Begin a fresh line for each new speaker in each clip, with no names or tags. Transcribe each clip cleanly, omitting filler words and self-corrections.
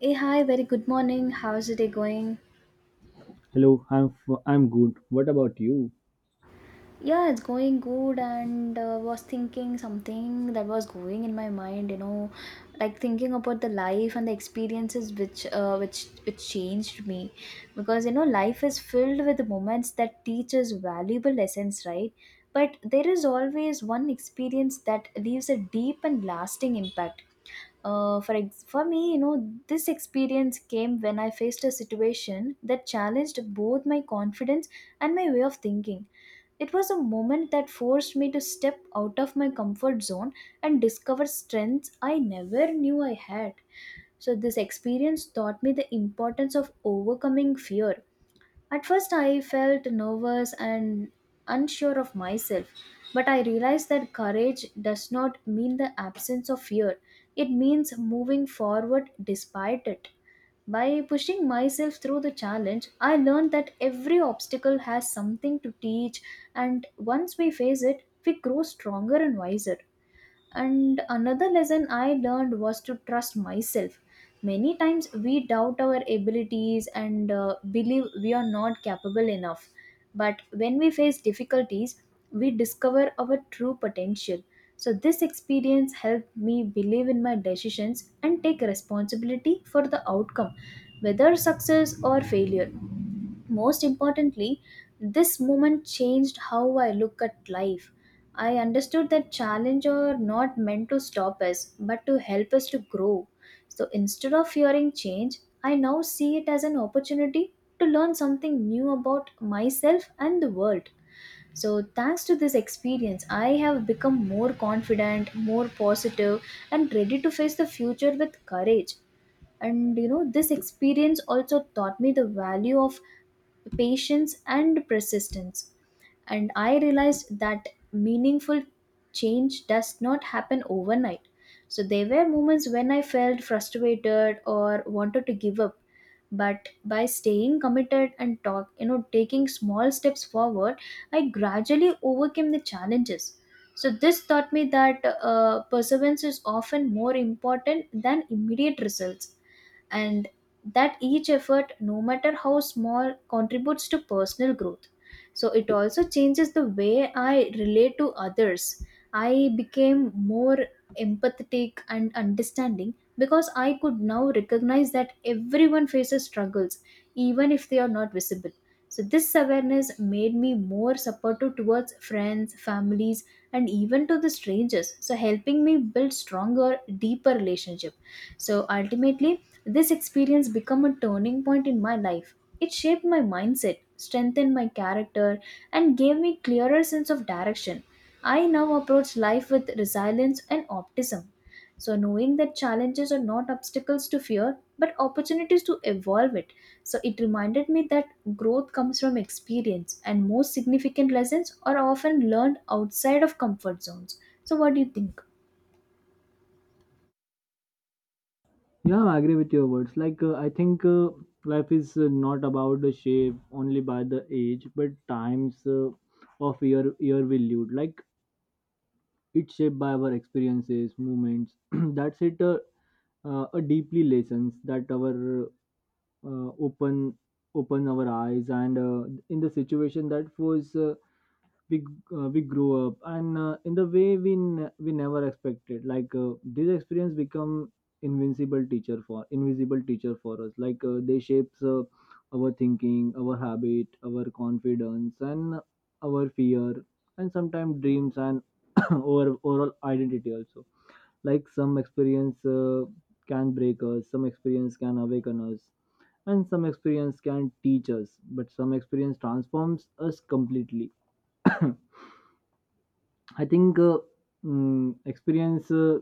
Hey, hi, very good morning. How's the day going?
Hello, I'm good. What about you?
Yeah, it's going good, and was thinking something that was going in my mind, like thinking about the life and the experiences which changed me, because you know life is filled with moments that teach us valuable lessons, right? But there is always one experience that leaves a deep and lasting impact. For me, you know, this experience came when I faced a situation that challenged both my confidence and my way of thinking. It was a moment that forced me to step out of my comfort zone and discover strengths I never knew I had. So, this experience taught me the importance of overcoming fear. At first, I felt nervous and unsure of myself, but I realized that courage does not mean the absence of fear, it means moving forward despite it. By pushing myself through the challenge, I learned that every obstacle has something to teach, and once we face it, we grow stronger and wiser. And another lesson I learned was to trust myself. Many times we doubt our abilities and believe we are not capable enough. But when we face difficulties, we discover our true potential. So, this experience helped me believe in my decisions and take responsibility for the outcome, whether success or failure. Most importantly, this moment changed how I look at life. I understood that challenges are not meant to stop us, but to help us to grow. So instead of fearing change, I now see it as an opportunity to learn something new about myself and the world. So, thanks to this experience, I have become more confident, more positive, and ready to face the future with courage. And you know this experience also taught me the value of patience and persistence, and I realized that meaningful change does not happen overnight. So there were moments when I felt frustrated or wanted to give up, but by staying committed and talk you know taking small steps forward, I gradually overcame the challenges. So this taught me that perseverance is often more important than immediate results, and that each effort, no matter how small, contributes to personal growth. So it also changes the way I relate to others. I became more empathetic and understanding because I could now recognize that everyone faces struggles, even if they are not visible. So this awareness made me more supportive towards friends, families, and even to the strangers, so helping me build stronger, deeper relationship. So ultimately, this experience became a turning point in my life. It shaped my mindset, strengthened my character, and gave me clearer sense of direction. I now approach life with resilience and optimism, so knowing that challenges are not obstacles to fear but opportunities to evolve it. So it reminded me that growth comes from experience and most significant lessons are often learned outside of comfort zones. So what do you think?
Yeah, I agree with your words. Like I think life is not about the shape only by the age, but times of year we lived. Like it's shaped by our experiences, movements. That's it. A deeply lessons that our uh, open open our eyes and in the situation that was we we grow up and in the way we never expected. Like this experience become invincible teacher for invisible teacher for us. Like they shapes our thinking, our habit, our confidence, and our fear, and sometimes dreams, and our overall identity also. Like some experience can break us, some experience can awaken us, and some experience can teach us, but some experience transforms us completely. I think experience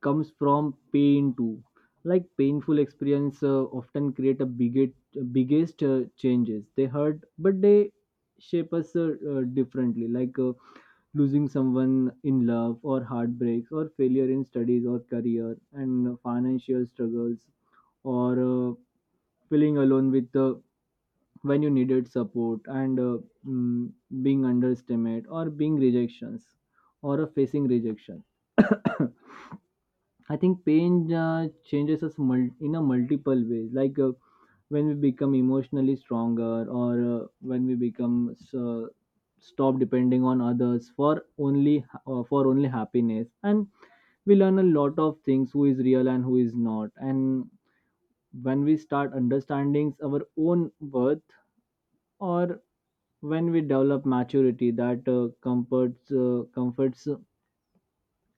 comes from pain too. Like painful experience often create a biggest changes. They hurt, but they shape us differently. Like losing someone in love, or heartbreaks, or failure in studies or career, and financial struggles, or feeling alone with when you needed support, and mm, being underestimated or being rejections, or facing rejection. I think pain changes us in a multiple ways. Like when we become emotionally stronger, or when we become stop depending on others for only happiness, and we learn a lot of things, who is real and who is not, and when we start understanding our own worth, or when we develop maturity that comforts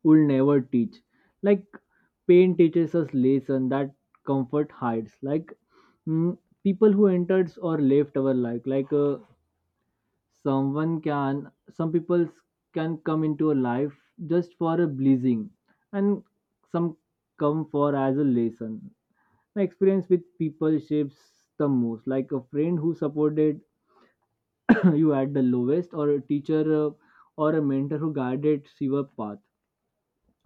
will never teach. Like pain teaches us lesson that comfort hides. Like mm, people who entered or left our life. Like some people can come into a life just for a blessing, and some come for as a lesson. My experience with people shapes the most, like a friend who supported you at the lowest, or a teacher, or a mentor who guided your path,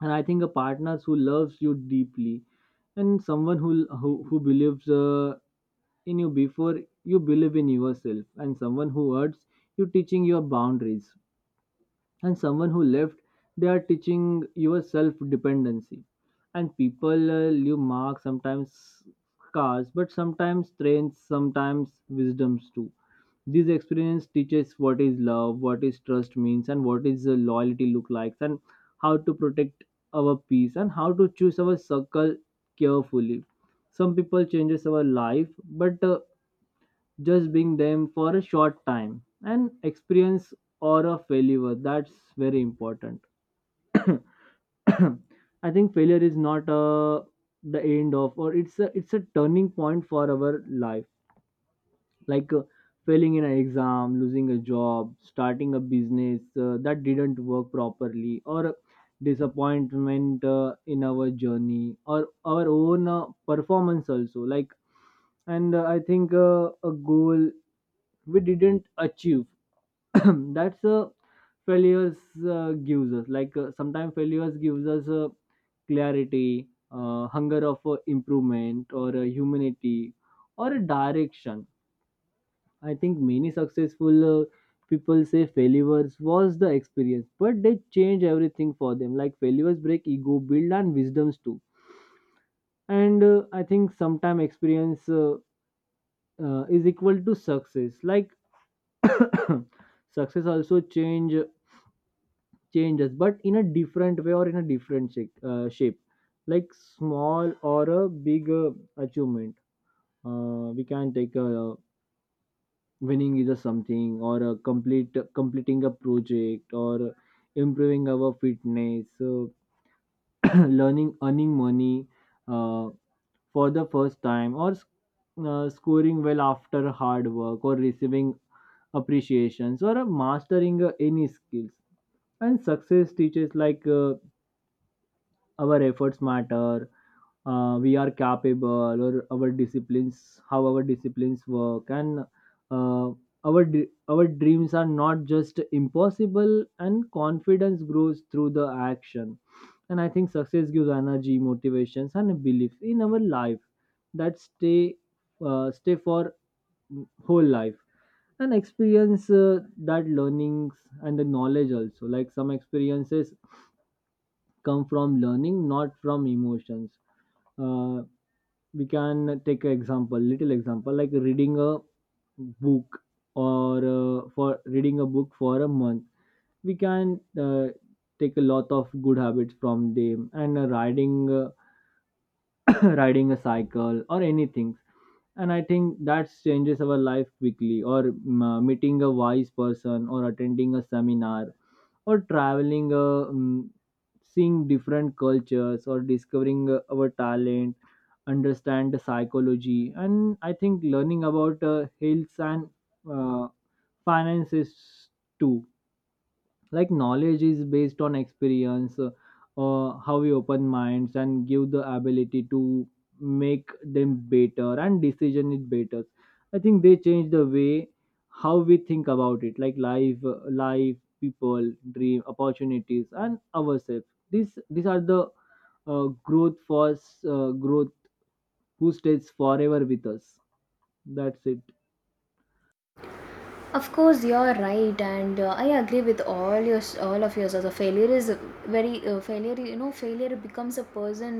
and I think a partner who loves you deeply, and someone who believes in you before you believe in yourself, and someone who hurts you, teaching your boundaries, and someone who left, they are teaching your self dependency. And people leave marks, sometimes scars, but sometimes strengths, sometimes wisdoms too. This experience teaches what is love, what is trust means, and what is loyalty look like, and how to protect our peace, and how to choose our circle carefully. Some people changes our life, but just being them for a short time, and experience or a failure, that's very important. I think failure is not the end of, or it's a turning point for our life. Like failing in an exam, losing a job, starting a business that didn't work properly, or disappointment in our journey, or our own performance also. Like, and I think a goal we didn't achieve, that's a failures. Gives us, like sometimes failures gives us clarity, hunger of improvement, or humanity, or a direction. I think many successful people say failures was the experience, but they change everything for them. Like failures break ego, build, and wisdoms too. And I think sometime experience is equal to success. Like success also changes, but in a different way, or in a different shape. Like small or a big achievement, we can take a winning either something, or a complete completing a project, or improving our fitness. So learning, earning money uh, for the first time, or scoring well after hard work, or receiving appreciations, or mastering any skills. And success teaches, like our efforts matter, we are capable, or our disciplines, how our disciplines work, and uh, our dreams are not just impossible, and confidence grows through the action. And I think success gives energy, motivations, and a belief in our life that stay for whole life. And experience that learnings and the knowledge also, like some experiences come from learning, not from emotions. Uh, we can take an example, little example, like reading a book, or for reading a book for a month. We can take a lot of good habits from them, and riding riding a cycle or anything. And I think that changes our life quickly, or meeting a wise person, or attending a seminar, or traveling, seeing different cultures, or discovering our talent, understand the psychology. And I think learning about health and uh, finances too. Like knowledge is based on experience, how we open minds and give the ability to make them better and decision it better. I think they change the way how we think about it, like life, life, people, dream, opportunities, and ourselves. These are the uh, growth force growth who stays forever with us. That's it.
Of course, you're right, and I agree with all your all of yours. Also, failure is a very failure. You know, failure becomes a person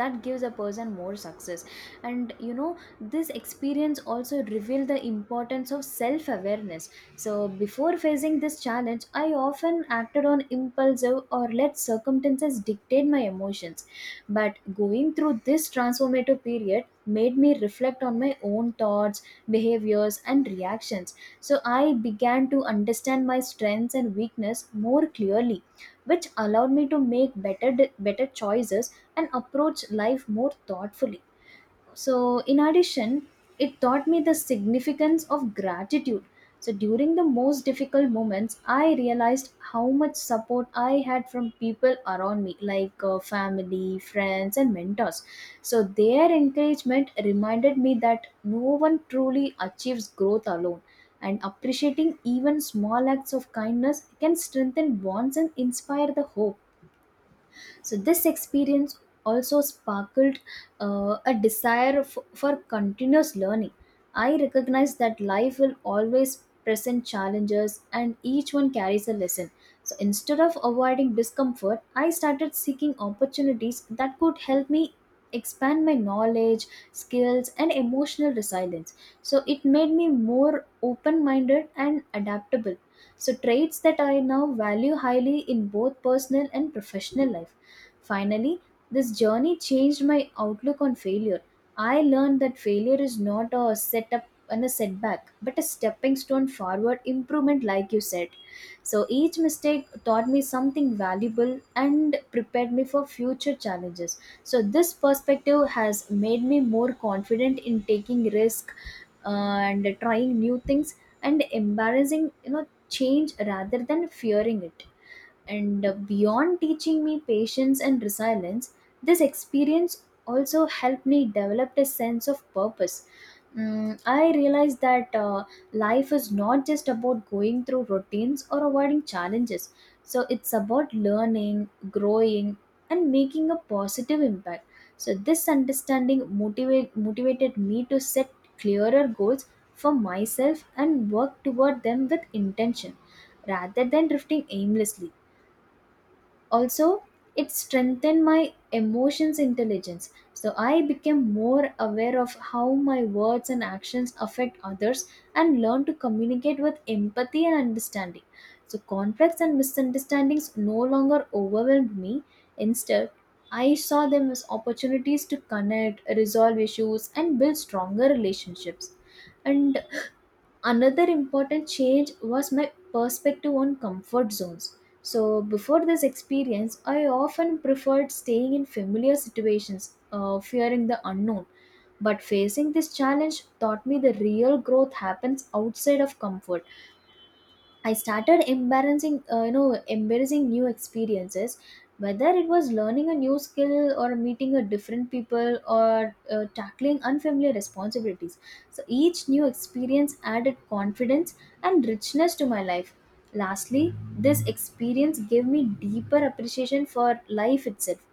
that gives a person more success, and you know this experience also reveal the importance of self awareness. So before facing this challenge, I often acted on impulsive or let circumstances dictate my emotions. But going through this transformative period made me reflect on my own thoughts, behaviors, and reactions. So I began to understand my strengths and weakness more clearly, which allowed me to make better choices and approach life more thoughtfully. So, in addition, it taught me the significance of gratitude. So, during the most difficult moments, I realized how much support I had from people around me, like family, friends, and mentors. So, their encouragement reminded me that no one truly achieves growth alone, and appreciating even small acts of kindness can strengthen bonds and inspire the hope. So, this experience also sparkled a desire for continuous learning. I recognize that life will always present challenges and each one carries a lesson. So, instead of avoiding discomfort, I started seeking opportunities that could help me expand my knowledge, skills, and emotional resilience. So, it made me more open minded and adaptable. So, traits that I now value highly in both personal and professional life. Finally, this journey changed my outlook on failure. I learned that failure is not a setup and a setback, but a stepping stone forward improvement, like you said. So each mistake taught me something valuable and prepared me for future challenges. So this perspective has made me more confident in taking risk and trying new things and embarrassing, you know, change rather than fearing it. And beyond teaching me patience and resilience, this experience also helped me develop a sense of purpose. I realized that life is not just about going through routines or avoiding challenges. So it's about learning, growing, and making a positive impact. So this understanding motivated me to set clearer goals for myself and work toward them with intention rather than drifting aimlessly. Also, it strengthened my emotions intelligence. So I became more aware of how my words and actions affect others, and learned to communicate with empathy and understanding. So conflicts and misunderstandings no longer overwhelmed me. Instead, I saw them as opportunities to connect, resolve issues, and build stronger relationships. And another important change was my perspective on comfort zones. So, before this experience, I often preferred staying in familiar situations, fearing the unknown. But facing this challenge taught me the real growth happens outside of comfort. I started embarrassing, embarrassing new experiences, whether it was learning a new skill or meeting a different people or tackling unfamiliar responsibilities. So each new experience added confidence and richness to my life. Lastly, this experience gave me deeper appreciation for life itself.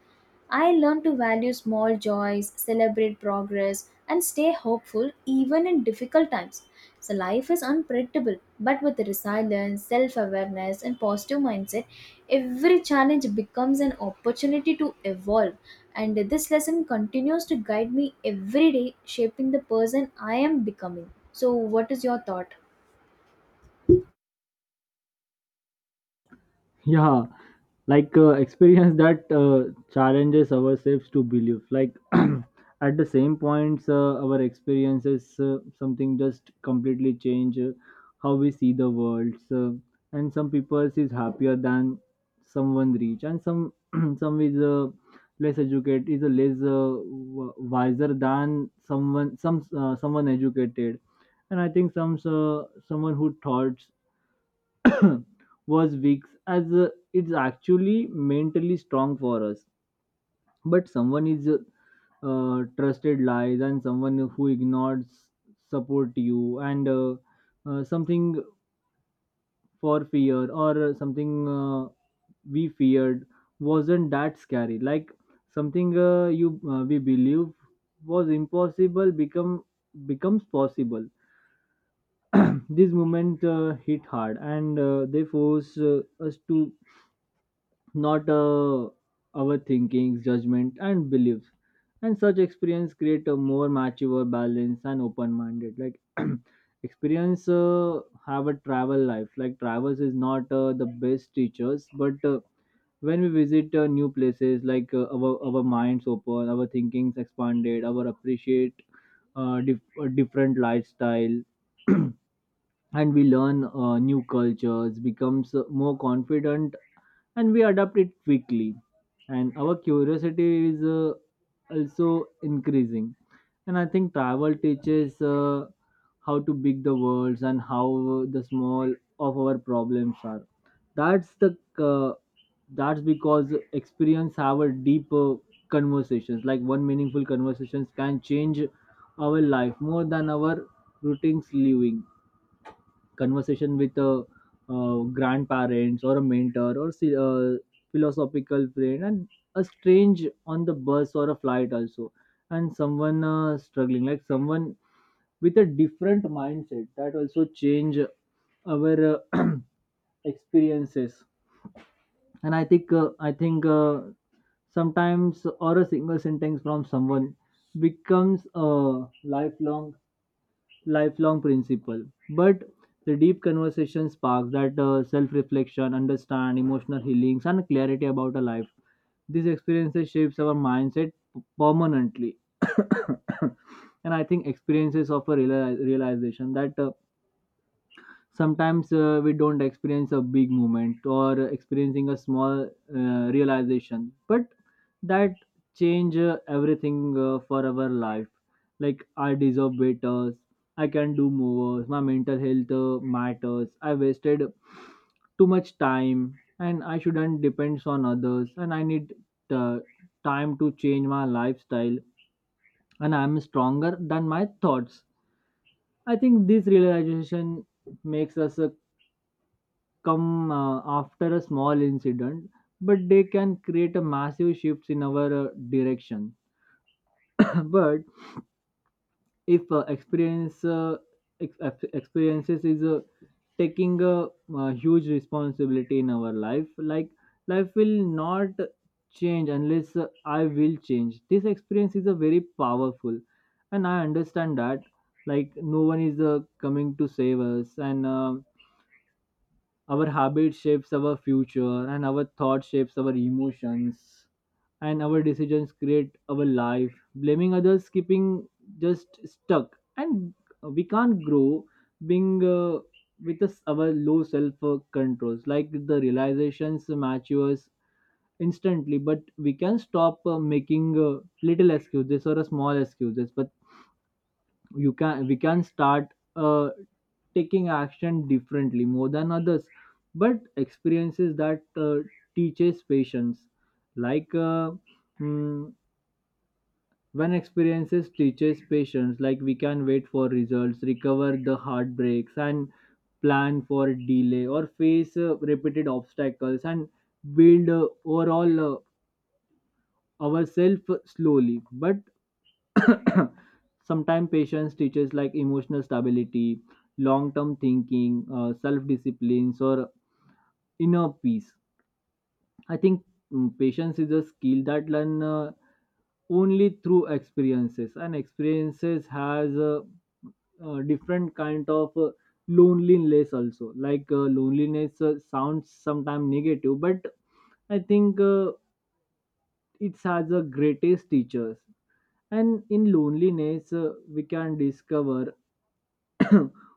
I learned to value small joys, celebrate progress, and stay hopeful even in difficult times. So life is unpredictable, but with resilience, self-awareness, and positive mindset, every challenge becomes an opportunity to evolve. And this lesson continues to guide me every day, shaping the person I am becoming. So, what is your thought?
Yeah, like experience that challenges ourselves to believe. Like at the same points, our experiences something just completely change how we see the world. So, and some people is happier than someone rich, and some some is less educated, is wiser than someone educated. And I think someone who thought was weak, as it's actually mentally strong for us. But someone is trusted lies, and someone who ignores support you, and something for fear, or something we feared wasn't that scary. Like something you we believe was impossible becomes possible. This moment hit hard, and they force us to not our thinkings, judgment, and beliefs. And such experience create a more mature, balanced, and open-minded. Like experience have a travel life. Like travels is not the best teachers, but when we visit new places, like uh, our minds open, our thinkings expanded, our appreciate different lifestyle, and we learn new cultures, becomes more confident, and we adapt it quickly, and our curiosity is also increasing. And I think travel teaches how to big the worlds, and how the small of our problems are. That's the uh, that's because experience our deeper conversations. Like one meaningful conversations can change our life more than our routines living, conversation with grandparents, or a mentor, or philosophical friend, and a strange on the bus or a flight also, and someone struggling, like someone with a different mindset, that also change our experiences. And I think sometimes or a single sentence from someone becomes a lifelong lifelong principle. But the deep conversation sparks that self-reflection, understand, emotional healings, and clarity about a life. These experiences shapes our mindset permanently. And I think experiences of a realization that sometimes we don't experience a big moment, or experiencing a small realization, but that change everything for our life. Like I deserve better, I can do more, my mental health matters, I wasted too much time, and I shouldn't depend on others, and I need uh, time to change my lifestyle, and I'm stronger than my thoughts. I think this realization makes us come after a small incident, but they can create a massive shifts in our direction. But if experience experiences is taking a, huge responsibility in our life. Like life will not change unless I will change. This experience is a very powerful, and I understand that. Like no one is coming to save us, and our habit shapes our future, and our thought shapes our emotions, and our decisions create our life. Blaming others, keeping just stuck, and we can't grow being with us our low self controls. Like the realizations matures instantly, but we can stop making little excuses, or small excuses, but you can we can start uh, taking action differently more than others. But experiences that teaches patience. Like mm, when experiences teaches patience, like we can wait for results, recover the heartbreaks, and plan for delay, or face repeated obstacles, and build overall ourselves slowly. But sometimes patience teaches like emotional stability, long term thinking, self discipline, or inner peace. I think patience is a skill that learn only through experiences, and experiences has a, different kind of loneliness also. Like loneliness sounds sometimes negative, but I think it has the greatest teachers, and in loneliness, we can discover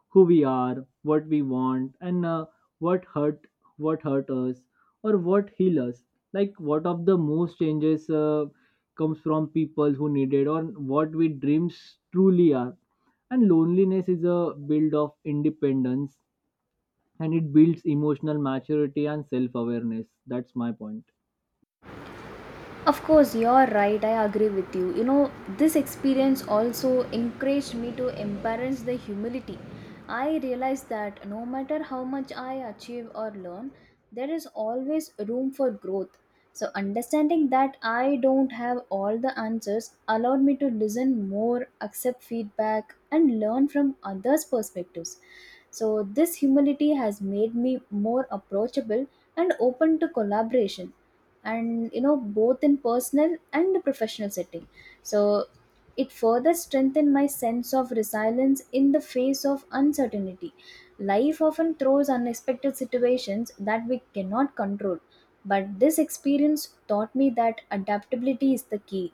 who we are, what we want, and what hurt, what hurt us, or what heal us. Like what of the most changes comes from people who needed, or what we dreams truly are. And loneliness is a build of independence, and it builds emotional maturity and self awareness. That's my point.
Of course, you're right. I agree with you. You know, this experience also encouraged me to embrace the humility. I realized that no matter how much I achieve or learn, there is always room for growth. So, understanding that I don't have all the answers allowed me to listen more, accept feedback, and learn from others' perspectives. So, this humility has made me more approachable and open to collaboration, and you know, both in personal and professional setting. So it further strengthened my sense of resilience in the face of uncertainty. Life often throws unexpected situations that we cannot control, but this experience taught me that adaptability is the key.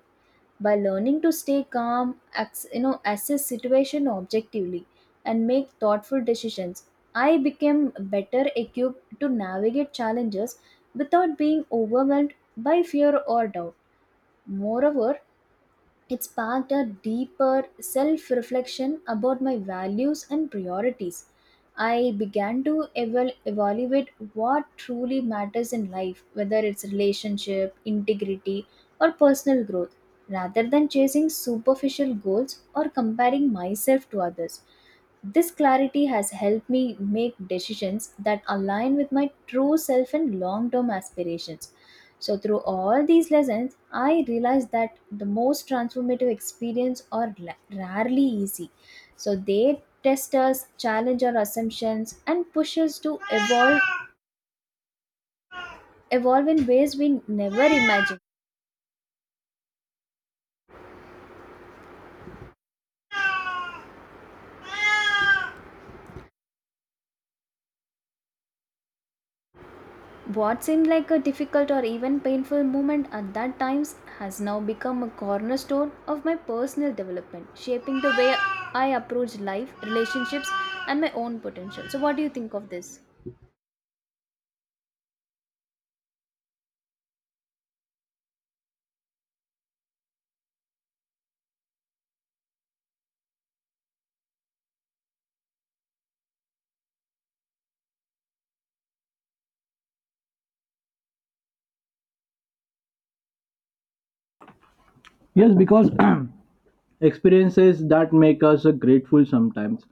By learning to stay calm acts, you know, assess situation objectively and make thoughtful decisions, I became better equipped to navigate challenges without being overwhelmed by fear or doubt. Moreover, it sparked a deeper self reflection about my values and priorities. I began to evaluate what truly matters in life, whether it's relationship, integrity, or personal growth, rather than chasing superficial goals or comparing myself to others. This clarity has helped me make decisions that align with my true self and long term aspirations. So, through all these lessons, I realized that the most transformative experience are rarely easy. So, they test us, challenge our assumptions, and push us to evolve, evolve in ways we never imagined. What seemed like a difficult or even painful moment at that times has now become a cornerstone of my personal development, shaping the way I approach life, relationships, and my own potential. So, what do you think of this?
Yes, because experiences that make us grateful sometimes.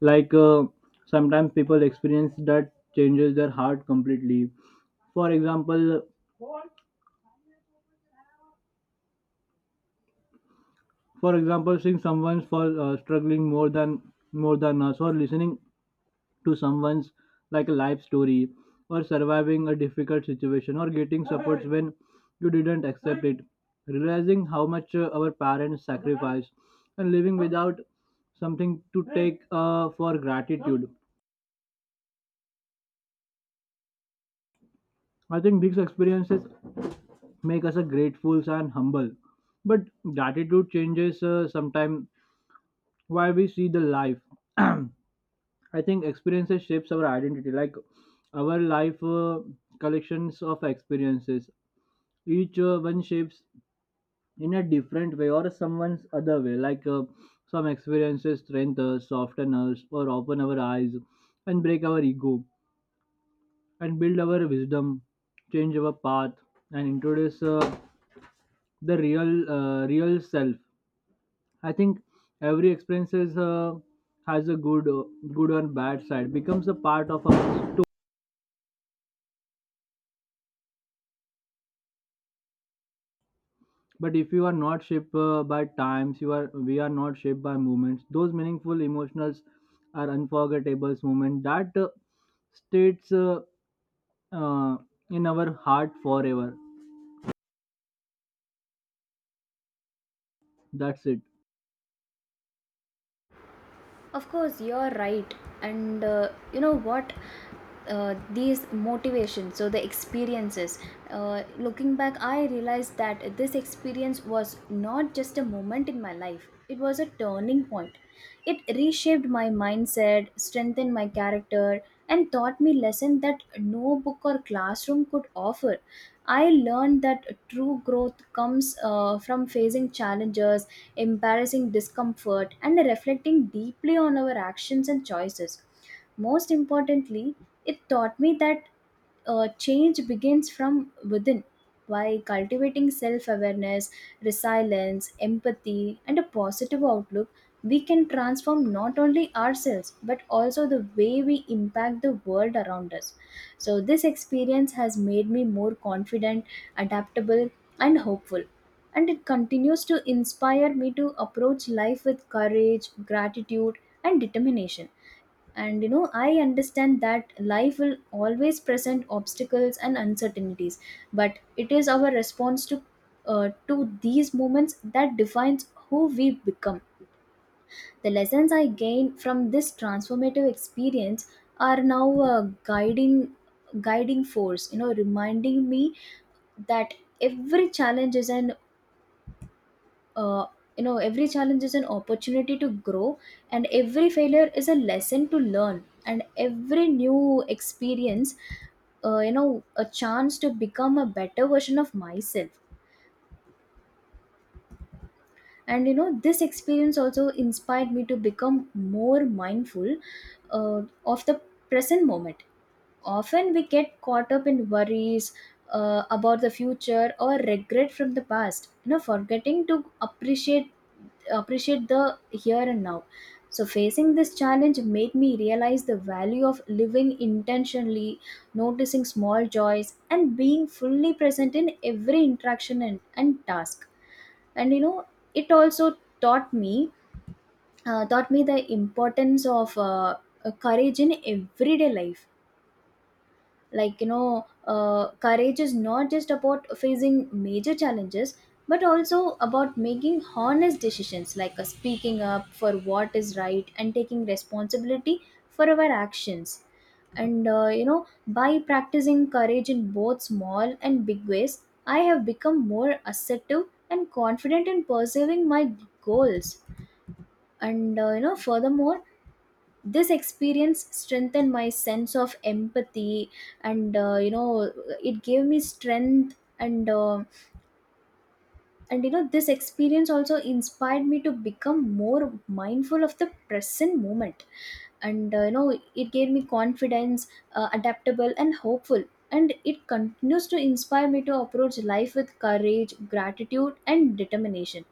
Like sometimes people experience that changes their heart completely, for example, seeing someone's for struggling more than us, or listening to someone's like life story, or surviving a difficult situation, or getting supports when you didn't accept it, realizing how much our parents sacrifice, and living without something to take for gratitude. I think these experiences make us a grateful and humble. But gratitude changes sometimes why we see the life. I think experiences shapes our identity. Like our life collections of experiences, each one shapes in a different way, or someone's other way. Like some experiences strengthen us, soften us, or open our eyes, and break our ego, and build our wisdom, change our path, and introduce the real real self. I think every experiences has a good or bad side, becomes a part of our story. But if you are not shaped by times, you are we are not shaped by moments, those meaningful emotionals are unforgettable moments that states uh, in our heart forever. That's it.
Of course, you're right. And you know what? These motivations, so the experiences. Looking back, I realized that this experience was not just a moment in my life, it was a turning point. It reshaped my mindset, strengthened my character, and taught me lessons that no book or classroom could offer. I learned that true growth comes from facing challenges, embarrassing discomfort, and reflecting deeply on our actions and choices. Most importantly, it taught me that change begins from within. By cultivating self awareness, resilience, empathy, and a positive outlook, we can transform not only ourselves but also the way we impact the world around us. So, this experience has made me more confident, adaptable, and hopeful. And it continues to inspire me to approach life with courage, gratitude, and determination. And I understand that life will always present obstacles and uncertainties, but it is our response to to these moments that defines who we become. The lessons I gained from this transformative experience are now a guiding force, you know, reminding me that every challenge is an uh, every challenge is an opportunity to grow, and every failure is a lesson to learn, and every new experience, a chance to become a better version of myself. And this experience also inspired me to become more mindful of the present moment. Often we get caught up in worries about the future or regret from the past, forgetting to appreciate the here and now. So facing this challenge made me realize the value of living intentionally, noticing small joys, and being fully present in every interaction and task. And you know, it also taught me the importance of courage in everyday life. Courage is not just about facing major challenges, but also about making honest decisions, like speaking up for what is right and taking responsibility for our actions. And by practicing courage in both small and big ways, I have become more assertive and confident in pursuing my goals. And furthermore, this experience strengthened my sense of empathy. And it gave me strength. And this experience also inspired me to become more mindful of the present moment. And it gave me confidence, adaptable and hopeful. And it continues to inspire me to approach life with courage, gratitude, and determination.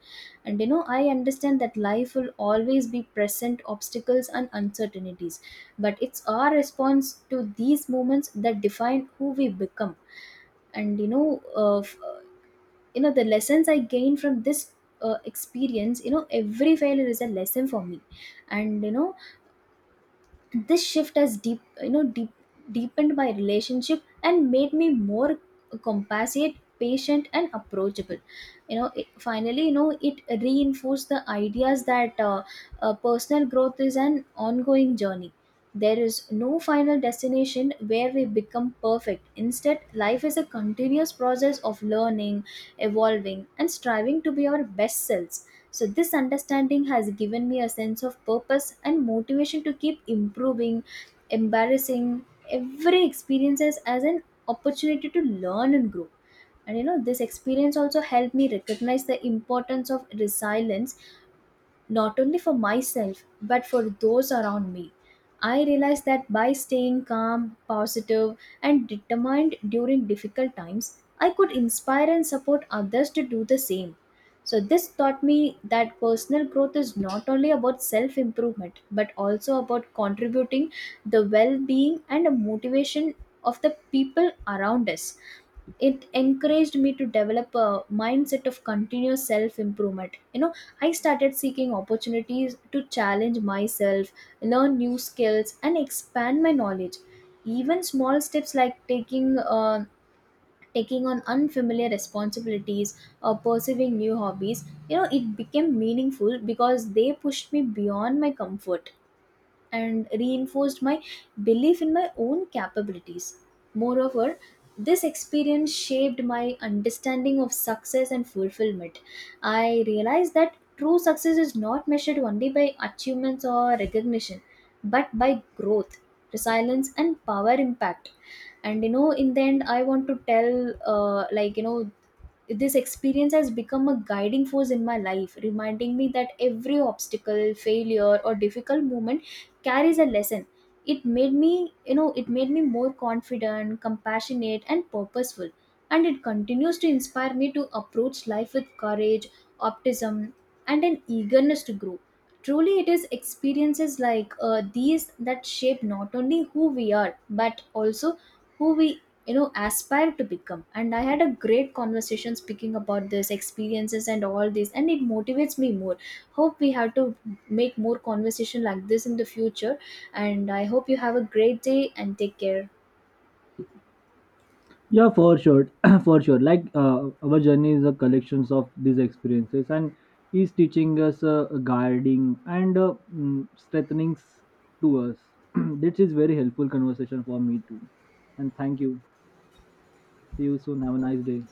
And I understand that life will always be present obstacles and uncertainties, but it's our response to these moments that define who we become. And the lessons I gained from this experience, every failure is a lesson for me. And this shift has deepened my relationship and made me more compassionate, patient, and approachable. Finally, it reinforced the ideas that personal growth is an ongoing journey. There is no final destination where we become perfect. Instead, life is a continuous process of learning, evolving, and striving to be our best selves. So, this understanding has given me a sense of purpose and motivation to keep improving, embarrassing every experiences as an opportunity to learn and grow. And this experience also helped me recognize the importance of resilience, not only for myself but for those around me. I realized that by staying calm, positive, and determined during difficult times, I could inspire and support others to do the same. So, this taught me that personal growth is not only about self improvement, but also about contributing the well being and motivation of the people around us. It encouraged me to develop a mindset of continuous self improvement. I started seeking opportunities to challenge myself, learn new skills, and expand my knowledge. Even small steps like taking on unfamiliar responsibilities or pursuing new hobbies, it became meaningful because they pushed me beyond my comfort and reinforced my belief in my own capabilities. Moreover, this experience shaped my understanding of success and fulfillment. I realized that true success is not measured only by achievements or recognition, but by growth, resilience, and power impact. And you know, in the end, I want to tell, this experience has become a guiding force in my life, reminding me that every obstacle, failure, or difficult moment carries a lesson. It made me more confident, compassionate, and purposeful, and it continues to inspire me to approach life with courage, optimism, and an eagerness to grow. Truly, it is experiences like these that shape not only who we are but also who we, aspire to become. And I had a great conversation speaking about this experiences and all this, and it motivates me more. Hope we have to make more conversation like this in the future, and I hope you have a great day and take care.
Yeah, for sure, for sure. Like our journey is a collections of these experiences, and is teaching us, guiding, and strengthening to us. This is very helpful conversation for me too. And thank you. See you soon. Have a nice day.